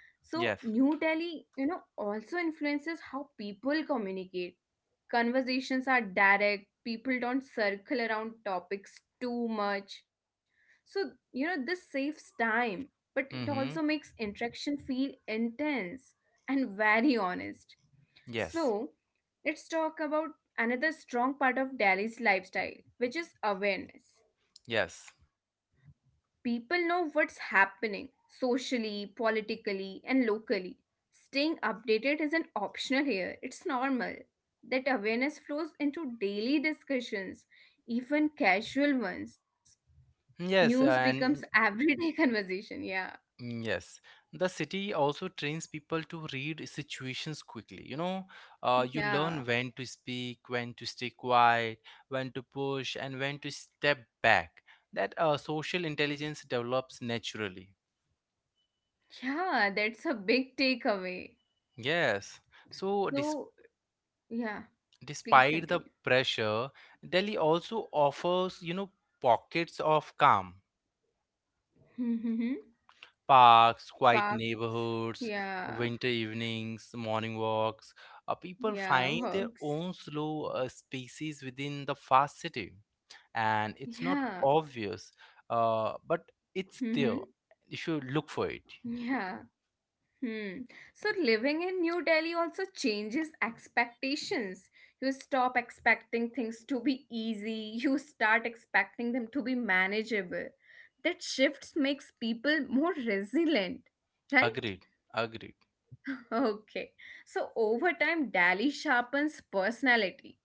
[SPEAKER 2] So,
[SPEAKER 1] Yes.
[SPEAKER 2] New Delhi also influences how people communicate. Conversations are direct, people don't circle around topics too much. So, this saves time, but it also
[SPEAKER 1] Mm-hmm.
[SPEAKER 2] makes interaction feel intense and very honest.
[SPEAKER 1] Yes.
[SPEAKER 2] So, let's talk about another strong part of Delhi's lifestyle, which is awareness.
[SPEAKER 1] Yes.
[SPEAKER 2] People know what's happening socially, politically, and locally. Staying updated isn't optional here, it's normal. That awareness flows into daily discussions, even casual ones.
[SPEAKER 1] Yes.
[SPEAKER 2] News becomes
[SPEAKER 1] And
[SPEAKER 2] everyday conversation. Yeah,
[SPEAKER 1] Yes, the city also trains people to read situations quickly. You know, you
[SPEAKER 2] yeah,
[SPEAKER 1] learn when to speak, when to stay quiet, when to push, and when to step back. That social intelligence develops naturally.
[SPEAKER 2] yeah, that's a big takeaway.
[SPEAKER 1] Yes, so
[SPEAKER 2] So, yeah, please
[SPEAKER 1] despite the
[SPEAKER 2] continue.
[SPEAKER 1] pressure, Delhi also offers, you know, pockets of calm.
[SPEAKER 2] Mm-hmm.
[SPEAKER 1] Parks, quiet
[SPEAKER 2] Parks,
[SPEAKER 1] neighborhoods,
[SPEAKER 2] yeah,
[SPEAKER 1] winter evenings, morning walks. People
[SPEAKER 2] yeah,
[SPEAKER 1] find their
[SPEAKER 2] works,
[SPEAKER 1] own slow spaces within the fast city, and it's not
[SPEAKER 2] yeah,
[SPEAKER 1] obvious, but
[SPEAKER 2] mm-hmm.
[SPEAKER 1] it's there. You should look for it.
[SPEAKER 2] Yeah. Hmm. So living in New Delhi also changes expectations. You stop expecting things to be easy, you start expecting them to be manageable. That shifts makes people more resilient, right?
[SPEAKER 1] Agreed. Agreed.
[SPEAKER 2] Okay. So over time Delhi sharpens personality.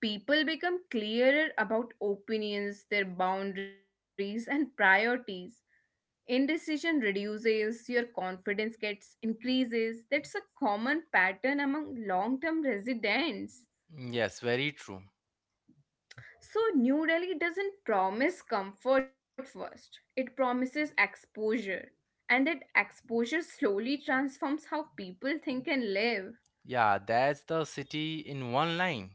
[SPEAKER 2] People become clearer about opinions, their boundaries and priorities. Indecision reduces, your confidence gets increases. That's a common pattern among long-term residents.
[SPEAKER 1] Yes, very true.
[SPEAKER 2] So New Delhi doesn't promise comfort first. It promises exposure. And that exposure slowly transforms how people think and live.
[SPEAKER 1] Yeah, that's the city in one line.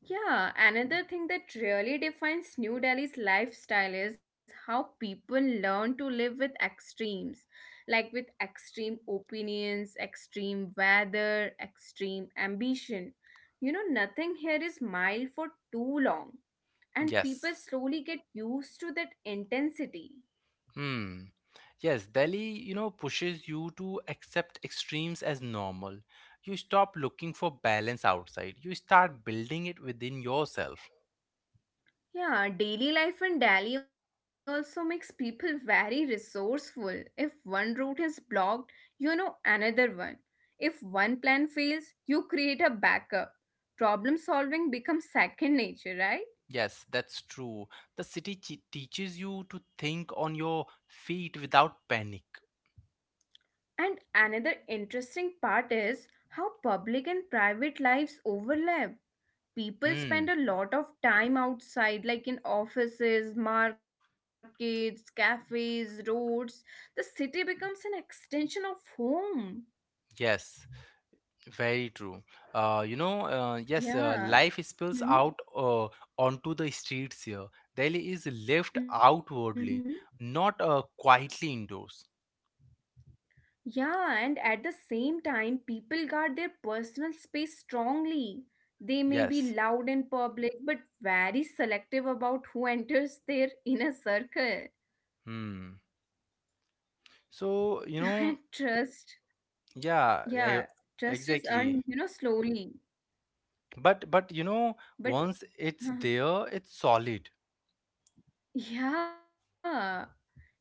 [SPEAKER 2] Yeah, another thing that really defines New Delhi's lifestyle is how people learn to live with extremes, like with extreme opinions, extreme weather, extreme ambition. Nothing here is mild for too long, and
[SPEAKER 1] Yes.
[SPEAKER 2] people slowly get used to that intensity.
[SPEAKER 1] Hmm. Yes, Delhi, you know, pushes you to accept extremes as normal. You stop looking for balance outside. You start building it within yourself.
[SPEAKER 2] Yeah, daily life in Delhi also makes people very resourceful. If one route is blocked, you know another one. If one plan fails, you create a backup. Problem solving becomes second nature, right?
[SPEAKER 1] Yes, that's true. The city teaches you to think on your feet without panic.
[SPEAKER 2] And another interesting part is how public and private lives overlap. People spend
[SPEAKER 1] Hmm.
[SPEAKER 2] a lot of time outside, like in offices, markets, cafes, roads. The city becomes an extension of home.
[SPEAKER 1] Yes, very true. You know, yes,
[SPEAKER 2] Yeah.
[SPEAKER 1] life spills
[SPEAKER 2] Hmm.
[SPEAKER 1] out onto the streets here. Delhi is lived
[SPEAKER 2] Hmm.
[SPEAKER 1] outwardly, not quietly indoors.
[SPEAKER 2] Yeah, and at the same time, people guard their personal space strongly. They may be
[SPEAKER 1] Yes.
[SPEAKER 2] loud in public, but very selective about who enters their inner circle.
[SPEAKER 1] Hmm. So, you know,
[SPEAKER 2] And trust,
[SPEAKER 1] yeah,
[SPEAKER 2] yeah, trust is
[SPEAKER 1] exactly.
[SPEAKER 2] earned slowly.
[SPEAKER 1] But you know, once
[SPEAKER 2] But
[SPEAKER 1] it's
[SPEAKER 2] uh,
[SPEAKER 1] there, it's solid.
[SPEAKER 2] yeah,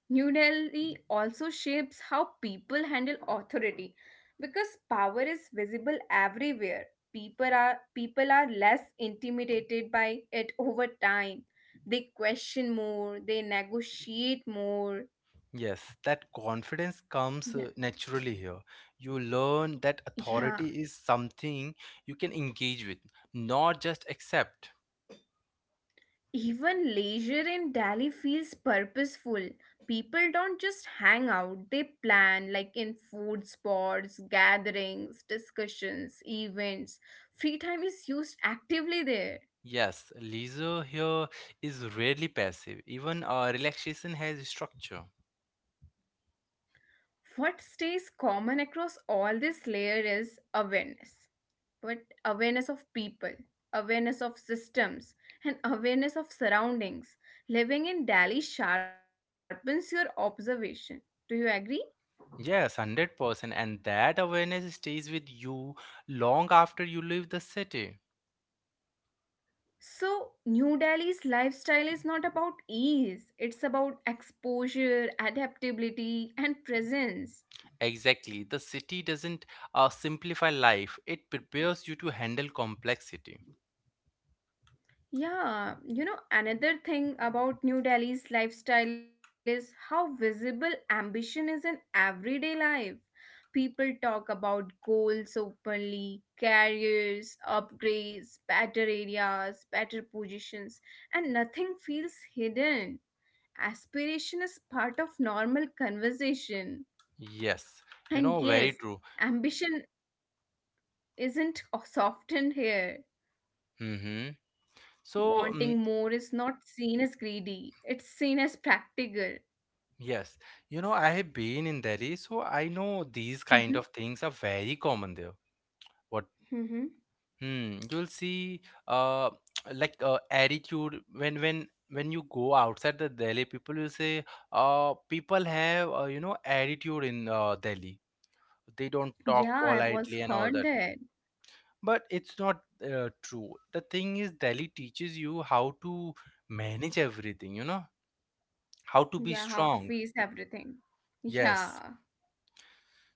[SPEAKER 2] New Delhi also shapes how people handle authority because power is visible everywhere. People are less intimidated by it over time. They question more, they negotiate more.
[SPEAKER 1] Yes, that confidence comes
[SPEAKER 2] Yeah.
[SPEAKER 1] naturally here. You learn that
[SPEAKER 2] Yeah,
[SPEAKER 1] authority is something you can engage with, not just accept.
[SPEAKER 2] even leisure in Delhi feels purposeful. People don't just hang out, they plan, like in food spots, gatherings, discussions, events. Free time is used actively there.
[SPEAKER 1] Yes, leisure here is rarely passive. Even relaxation has structure.
[SPEAKER 2] What stays common across all this layer is awareness. But awareness of people, awareness of systems, and awareness of surroundings. Living in Delhi sharpens your observation. Do you agree?
[SPEAKER 1] Yes, 100%. And that awareness stays with you long after you leave the city.
[SPEAKER 2] So, New Delhi's lifestyle is not about ease, it's about exposure, adaptability, and presence.
[SPEAKER 1] Exactly. The city doesn't simplify life, it prepares you to handle complexity.
[SPEAKER 2] Yeah, you know, another thing about New Delhi's lifestyle is how visible ambition is in everyday life. People talk about goals openly, careers, upgrades, better areas, better positions, and nothing feels hidden. Aspiration is part of normal conversation.
[SPEAKER 1] Yes, you
[SPEAKER 2] And
[SPEAKER 1] know, very
[SPEAKER 2] yes,
[SPEAKER 1] true.
[SPEAKER 2] ambition isn't softened here.
[SPEAKER 1] Mm-hmm. So,
[SPEAKER 2] Wanting more is not seen as greedy, it's seen as practical.
[SPEAKER 1] yes, you know, I have been in Delhi, so I know these kind of
[SPEAKER 2] Mhm,
[SPEAKER 1] things are very common there. What?
[SPEAKER 2] mhm.
[SPEAKER 1] Hmm, you'll see uh like attitude when you go outside the Delhi, people will say people have you know, attitude in Delhi. They don't talk
[SPEAKER 2] Yeah, I was
[SPEAKER 1] politely and all
[SPEAKER 2] heard
[SPEAKER 1] that,
[SPEAKER 2] that.
[SPEAKER 1] but it's not true. The thing is Delhi teaches you how to manage everything, you know, how to be
[SPEAKER 2] Yeah, how to
[SPEAKER 1] strong.
[SPEAKER 2] face everything.
[SPEAKER 1] Yes.
[SPEAKER 2] Yeah.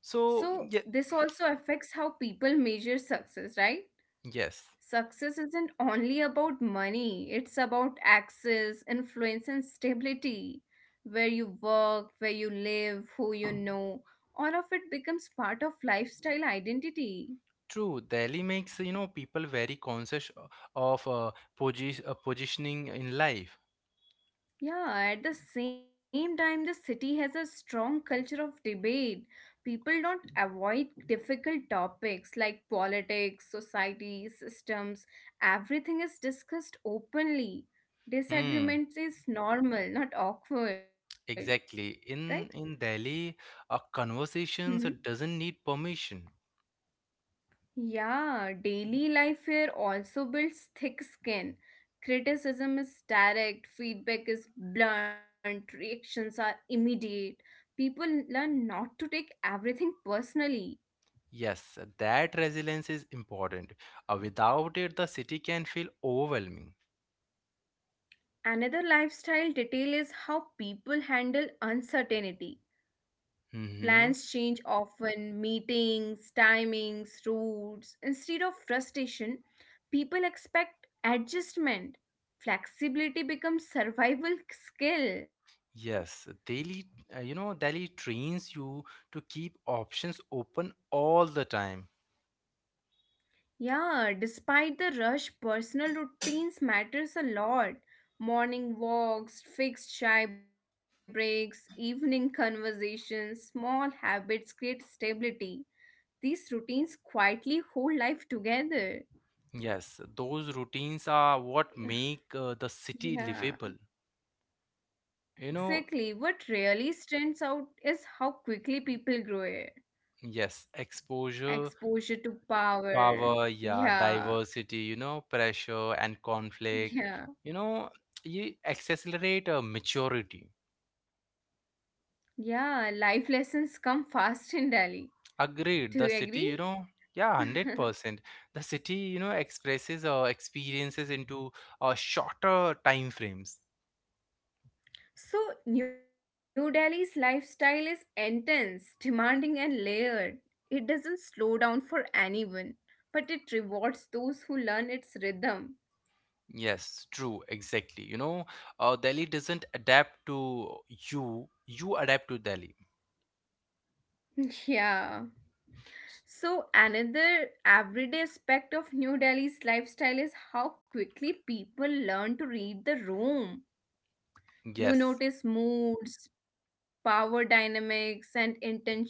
[SPEAKER 1] So
[SPEAKER 2] So,
[SPEAKER 1] yeah,
[SPEAKER 2] this also affects how people measure success, right?
[SPEAKER 1] yes,
[SPEAKER 2] Success isn't only about money, it's about access, influence, and stability. Where you work, where you live, who you know, all of it becomes part of lifestyle identity.
[SPEAKER 1] true. Delhi makes, you know, people very conscious of positioning in life.
[SPEAKER 2] Yeah, at the same time, the city has a strong culture of debate. People don't avoid difficult topics like politics, society, systems. Everything is discussed openly.
[SPEAKER 1] Hmm,
[SPEAKER 2] Disagreements is normal, not awkward, right?
[SPEAKER 1] exactly. In Delhi, a
[SPEAKER 2] Hmm.
[SPEAKER 1] conversations doesn't need permission.
[SPEAKER 2] Yeah, daily life here also builds thick skin. Criticism is direct, feedback is blunt, reactions are immediate. People learn not to take everything personally.
[SPEAKER 1] Yes, that resilience is important. Without it, the city can feel overwhelming.
[SPEAKER 2] Another lifestyle detail is how people handle uncertainty.
[SPEAKER 1] Mm-hmm.
[SPEAKER 2] Plans change often, meetings, timings, routes. Instead of frustration, people expect adjustment. Flexibility becomes survival skill.
[SPEAKER 1] Yes, Delhi trains you to keep options open all the time.
[SPEAKER 2] Yeah, despite the rush, personal routines matters a lot. Morning walks, fixed chai breaks, evening conversations, small habits create stability. These routines quietly hold life together.
[SPEAKER 1] Yes, those routines are what make the city
[SPEAKER 2] Yeah.
[SPEAKER 1] livable. You know,
[SPEAKER 2] Exactly. What really stands out is how quickly people grow it.
[SPEAKER 1] yes, exposure,
[SPEAKER 2] Exposure to
[SPEAKER 1] power,
[SPEAKER 2] power.
[SPEAKER 1] yeah,
[SPEAKER 2] Yeah,
[SPEAKER 1] diversity, you know, pressure and conflict. You
[SPEAKER 2] yeah,
[SPEAKER 1] know, you accelerate maturity.
[SPEAKER 2] yeah. Life lessons come fast in Delhi.
[SPEAKER 1] Agreed, the
[SPEAKER 2] Do
[SPEAKER 1] city,
[SPEAKER 2] you
[SPEAKER 1] you
[SPEAKER 2] agree?
[SPEAKER 1] know. Yeah, 100%. The city, you know, expresses experiences into shorter time frames.
[SPEAKER 2] So, New Delhi's lifestyle is intense, demanding, and layered. It doesn't slow down for anyone, but it rewards those who learn its rhythm.
[SPEAKER 1] Yes, true, exactly, you know. Delhi doesn't adapt to you adapt to Delhi.
[SPEAKER 2] Yeah.
[SPEAKER 1] S-
[SPEAKER 2] So, another everyday aspect of New Delhi's lifestyle is how quickly people learn to read the room. You
[SPEAKER 1] yes.
[SPEAKER 2] notice moods, power dynamics, and intention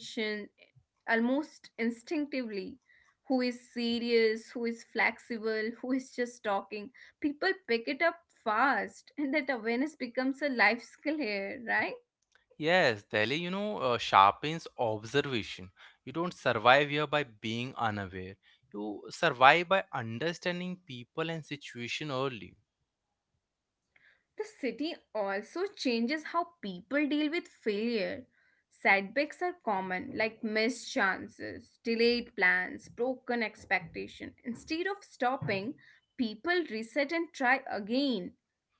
[SPEAKER 2] almost instinctively. Who is serious, who is flexible, who is just talking. People pick it up fast, and that awareness becomes a life skill here, right?
[SPEAKER 1] Yes, Delhi, you know, sharpens observation. You don't survive here by being unaware. You survive by understanding people and situation early.
[SPEAKER 2] The city also changes how people deal with failure. Setbacks are common, like missed chances, delayed plans, broken expectation. Instead of stopping, people reset and try again.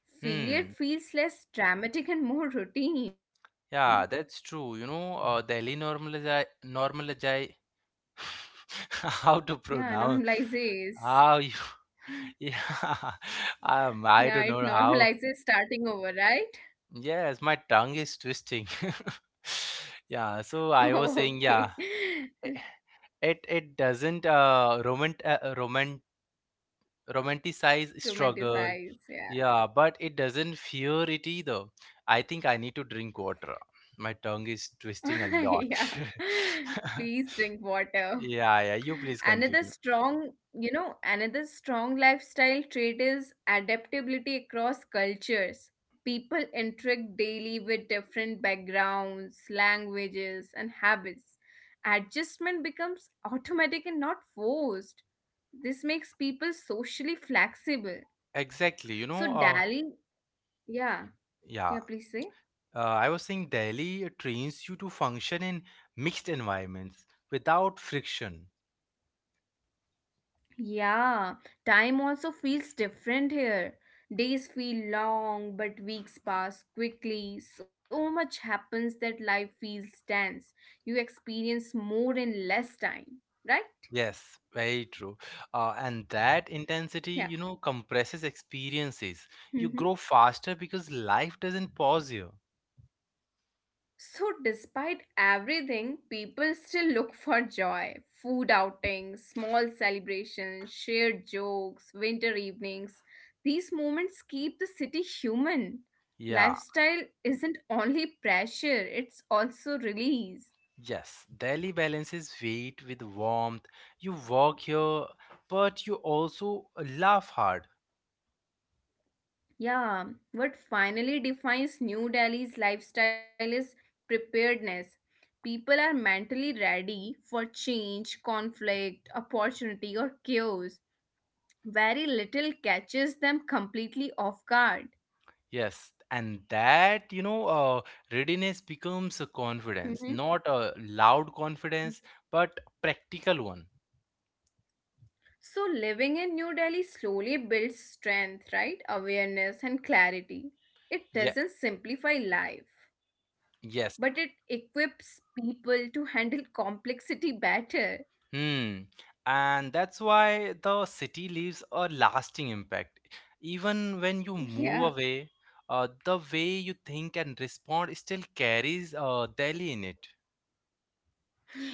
[SPEAKER 2] Failure
[SPEAKER 1] Hmm.
[SPEAKER 2] feels less dramatic and more routine.
[SPEAKER 1] Yeah, that's true. You know, Delhi normalize how to
[SPEAKER 2] Yeah,
[SPEAKER 1] pronounce,
[SPEAKER 2] normalizes.
[SPEAKER 1] how you yeah,
[SPEAKER 2] Yeah,
[SPEAKER 1] I
[SPEAKER 2] it
[SPEAKER 1] don't know how.
[SPEAKER 2] normalizes starting over, right?
[SPEAKER 1] Yes, my tongue is twisting. Yeah, so I
[SPEAKER 2] Okay.
[SPEAKER 1] was saying, yeah. It doesn't romanticize struggle.
[SPEAKER 2] Romanticize, yeah.
[SPEAKER 1] Yeah, but it doesn't fear it either. I think I need to drink water, my tongue is twisting a lot.
[SPEAKER 2] yeah. Please drink water.
[SPEAKER 1] Yeah, yeah, you please
[SPEAKER 2] Another
[SPEAKER 1] continue.
[SPEAKER 2] strong, you know, another strong lifestyle trait is adaptability across cultures. People interact daily with different backgrounds, languages and habits. Adjustment becomes automatic and not forced. This makes people socially flexible.
[SPEAKER 1] Exactly, you
[SPEAKER 2] So
[SPEAKER 1] know.
[SPEAKER 2] Dali, yeah,
[SPEAKER 1] Yeah
[SPEAKER 2] yeah, please say.
[SPEAKER 1] I was saying Delhi trains you to function in mixed environments without friction.
[SPEAKER 2] Yeah, time also feels different here. Days feel long, but weeks pass quickly. So much happens that life feels dense. You experience more in less time, right?
[SPEAKER 1] Yes, very true. And that intensity, you know,
[SPEAKER 2] Yeah.
[SPEAKER 1] compresses experiences. You grow faster because life doesn't pause you.
[SPEAKER 2] So, despite everything, people still look for joy. Food outings, small celebrations, shared jokes, winter evenings. These moments keep the city human.
[SPEAKER 1] Yeah,
[SPEAKER 2] Lifestyle isn't only pressure, it's also release.
[SPEAKER 1] yes. Delhi balances weight with warmth. You work here, but you also laugh hard.
[SPEAKER 2] Yeah, what finally defines New Delhi's lifestyle is preparedness. People are mentally ready for change, conflict, opportunity, or chaos. Very little catches them completely off guard.
[SPEAKER 1] Yes, and that, readiness becomes a
[SPEAKER 2] Hmm.
[SPEAKER 1] confidence, not a loud confidence, but practical one.
[SPEAKER 2] So, living in New Delhi slowly builds strength, right? Awareness and clarity. It
[SPEAKER 1] Yeah,
[SPEAKER 2] doesn't simplify life, but it
[SPEAKER 1] yes.
[SPEAKER 2] equips people to handle complexity better.
[SPEAKER 1] Hmm. And that's why the city leaves a lasting impact. Even when you
[SPEAKER 2] Yeah,
[SPEAKER 1] move away, the way you think and respond still carries Delhi in it.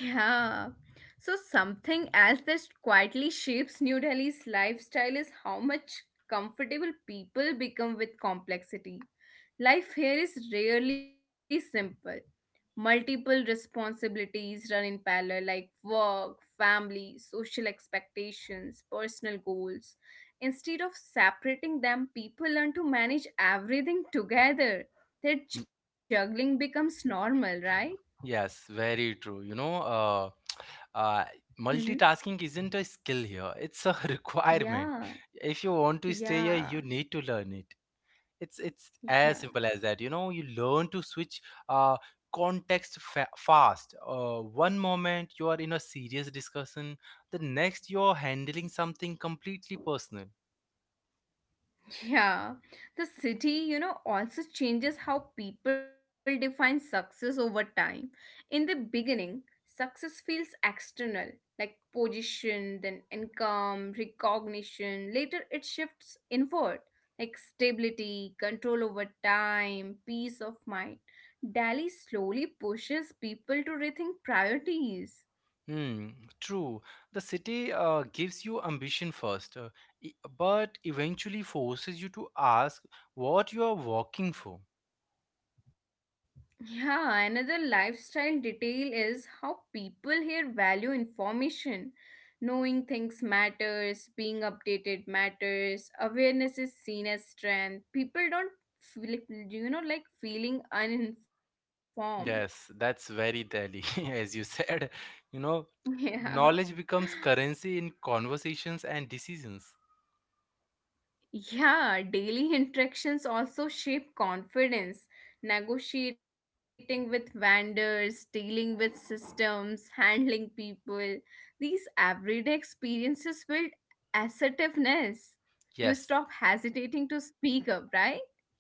[SPEAKER 2] yeah. So, something else that quietly shapes New Delhi's lifestyle is how much comfortable people become with complexity. Life here is rarely simple. Multiple responsibilities run in parallel, like work, family, social expectations, personal goals. Instead of separating them, people learn to manage everything together.
[SPEAKER 1] Mm,
[SPEAKER 2] Their juggling becomes normal, right?
[SPEAKER 1] Yes, very true. You know, uh,
[SPEAKER 2] Hmm.
[SPEAKER 1] multitasking isn't a skill here, it's a requirement.
[SPEAKER 2] Yeah,
[SPEAKER 1] If you want to stay here, you
[SPEAKER 2] yeah,
[SPEAKER 1] need to learn it. It's as
[SPEAKER 2] yeah.
[SPEAKER 1] simple as that, you know. You learn to switch uh, context fast. One moment you are in a serious discussion, the next you're handling something completely personal.
[SPEAKER 2] Yeah, the city, you know, also changes how people define success over time. In the beginning, success feels external, like position, then income, recognition. Later, it shifts inward, like stability, control over time, peace of mind. Delhi slowly pushes people to rethink priorities.
[SPEAKER 1] Hmm, true. The city gives you ambition first, but eventually forces you to ask what you are working for.
[SPEAKER 2] Yeah, another lifestyle detail is how people here value information. Knowing things matters, being updated matters, awareness is seen as strength. People don't feel, you know, like feeling uninformed.
[SPEAKER 1] Yes, that's very Delhi, as you said, you know.
[SPEAKER 2] Yeah.
[SPEAKER 1] Knowledge becomes currency in conversations and decisions.
[SPEAKER 2] Yeah, daily interactions also shape confidence. Negotiating with vendors, dealing with systems, handling people. These everyday experiences build assertiveness. You stop
[SPEAKER 1] Yes.
[SPEAKER 2] hesitating to speak up, right?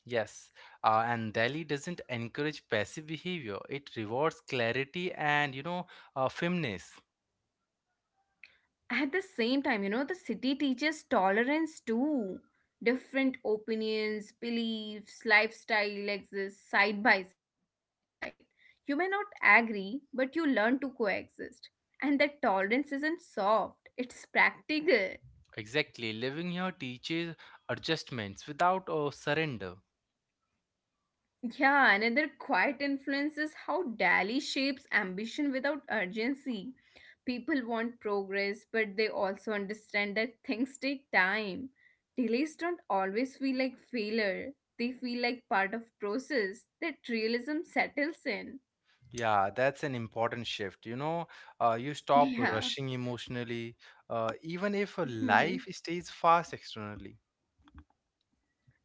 [SPEAKER 1] Yes, and Delhi doesn't encourage passive behavior. It rewards clarity and, you know, firmness.
[SPEAKER 2] At the same time, you know, the city teaches tolerance too. Different opinions, beliefs, lifestyle exist side by side. You may not agree, but you learn to coexist. And that tolerance isn't soft, it's practical.
[SPEAKER 1] Exactly, living here teaches adjustments without surrender.
[SPEAKER 2] Yeah, another quiet influence is how Dali shapes ambition without urgency. People want progress, but they also understand that things take time. Delays don't always feel like failure. They feel like part of process that realism settles in.
[SPEAKER 1] Yeah, that's an important shift. You know, you stop
[SPEAKER 2] Yeah.
[SPEAKER 1] rushing emotionally, even if life stays fast externally.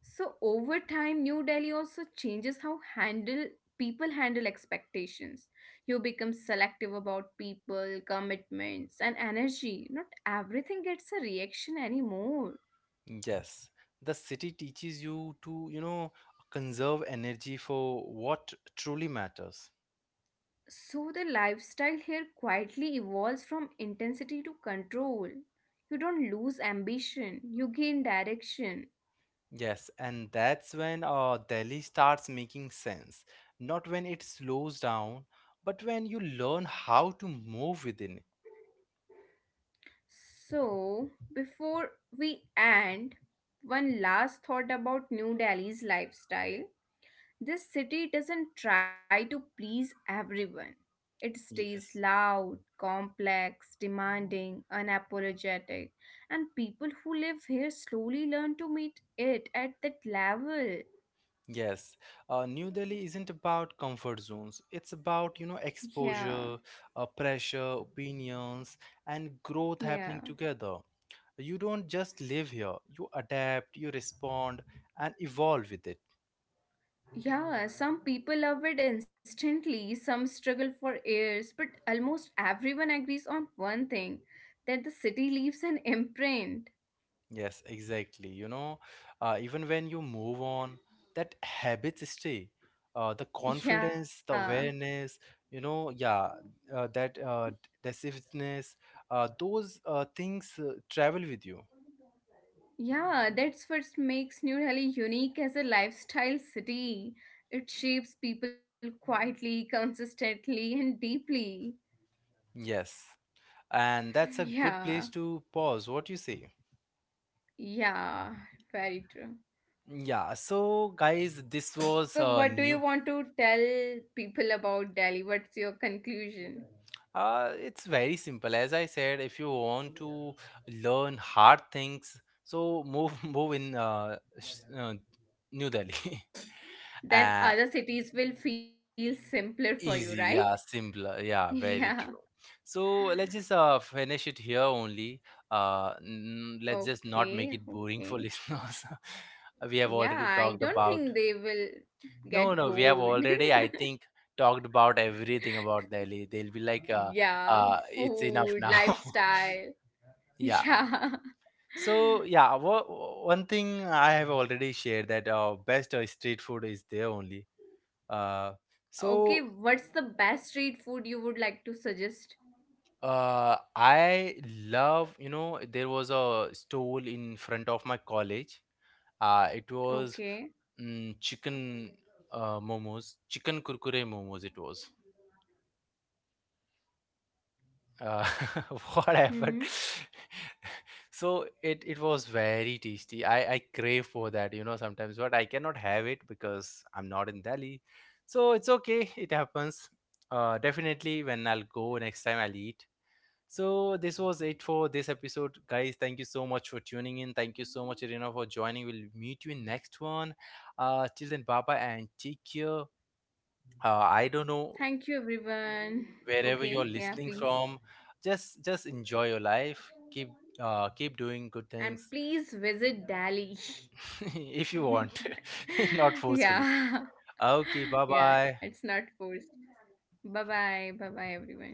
[SPEAKER 2] So over time, New Delhi also changes how handle people handle expectations. You become selective about people, commitments, and energy. Not everything gets a reaction anymore.
[SPEAKER 1] Yes, the city teaches you to, you know, conserve energy for what truly matters.
[SPEAKER 2] So the lifestyle here quietly evolves from intensity to control. You don't lose ambition, you gain direction.
[SPEAKER 1] Yes, and that's when Delhi starts making sense. Not when it slows down, but when you learn how to move within.
[SPEAKER 2] So before we end, one last thought about New Delhi's lifestyle. This city doesn't try to please everyone. It stays
[SPEAKER 1] Yes.
[SPEAKER 2] loud, complex, demanding, unapologetic, and people who live here slowly learn to meet it at that level.
[SPEAKER 1] Yes, New Delhi isn't about comfort zones. It's about, you know,
[SPEAKER 2] Yeah,
[SPEAKER 1] exposure, pressure, opinions, and growth
[SPEAKER 2] yeah.
[SPEAKER 1] happening together. You don't just live here, you adapt, you respond, and evolve with it.
[SPEAKER 2] Yeah, some people love it instantly, some struggle for years, but almost everyone agrees on one thing, that the city leaves an imprint.
[SPEAKER 1] Yes, exactly. You know, even when you move on, that habits stay. The confidence,
[SPEAKER 2] Yeah.
[SPEAKER 1] the awareness, you know, yeah, that decisiveness, those things travel with you.
[SPEAKER 2] Yeah, that's what makes New Delhi unique as a lifestyle city. It shapes people quietly, consistently, and deeply.
[SPEAKER 1] Yes. And that's a good
[SPEAKER 2] Yeah,
[SPEAKER 1] place to pause. What you say?
[SPEAKER 2] yeah, very true.
[SPEAKER 1] Yeah, so guys, this was
[SPEAKER 2] So,
[SPEAKER 1] a
[SPEAKER 2] what do you
[SPEAKER 1] new.
[SPEAKER 2] want to tell people about Delhi? What's your conclusion?
[SPEAKER 1] It's very simple. As I said, if you want to learn hard things, so move move in New Delhi.
[SPEAKER 2] Then
[SPEAKER 1] uh,
[SPEAKER 2] other cities will feel simpler for you, right?
[SPEAKER 1] Easy, yeah, simpler, yeah,
[SPEAKER 2] Yeah,
[SPEAKER 1] very true. So let's just finish it here only. Let's just not
[SPEAKER 2] okay,
[SPEAKER 1] make it boring
[SPEAKER 2] okay.
[SPEAKER 1] for listeners. We have
[SPEAKER 2] Yeah,
[SPEAKER 1] already
[SPEAKER 2] I
[SPEAKER 1] talked
[SPEAKER 2] don't
[SPEAKER 1] about.
[SPEAKER 2] think they will
[SPEAKER 1] No,
[SPEAKER 2] get
[SPEAKER 1] no, we have
[SPEAKER 2] bored.
[SPEAKER 1] already, I think, talked about everything about Delhi. They'll be like,
[SPEAKER 2] Yeah,
[SPEAKER 1] it's enough
[SPEAKER 2] food,
[SPEAKER 1] now.
[SPEAKER 2] lifestyle.
[SPEAKER 1] Yeah.
[SPEAKER 2] Yeah.
[SPEAKER 1] So yeah, one thing I have already shared, that best street food is there only. Uh,
[SPEAKER 2] Okay,
[SPEAKER 1] so
[SPEAKER 2] what's the best street food you would like to suggest?
[SPEAKER 1] I love, you know, there was a stall in front of my college. It was
[SPEAKER 2] Okay.
[SPEAKER 1] chicken momos, chicken kurkure momos. It was. uh, what happened?
[SPEAKER 2] Mm-hmm.
[SPEAKER 1] So it was very tasty, I crave for that, you know, sometimes, but I cannot have it because I'm not in Delhi. So it's okay, it happens. Definitely when I'll go next time, I'll eat. So this was it for this episode, guys. Thank you so much for tuning in. Thank you so much, Irina, for joining. We'll meet you in next one. Till then, bye bye and take care. I don't know
[SPEAKER 2] Thank you, everyone.
[SPEAKER 1] wherever
[SPEAKER 2] Okay,
[SPEAKER 1] you're
[SPEAKER 2] yeah,
[SPEAKER 1] listening
[SPEAKER 2] please.
[SPEAKER 1] from. Just enjoy your life. Keep doing good
[SPEAKER 2] And
[SPEAKER 1] things.
[SPEAKER 2] please visit Delhi.
[SPEAKER 1] If you want. Not forcefully.
[SPEAKER 2] Yeah.
[SPEAKER 1] Okay, bye
[SPEAKER 2] Yeah,
[SPEAKER 1] bye.
[SPEAKER 2] it's not forced. Bye bye. Bye bye, everyone.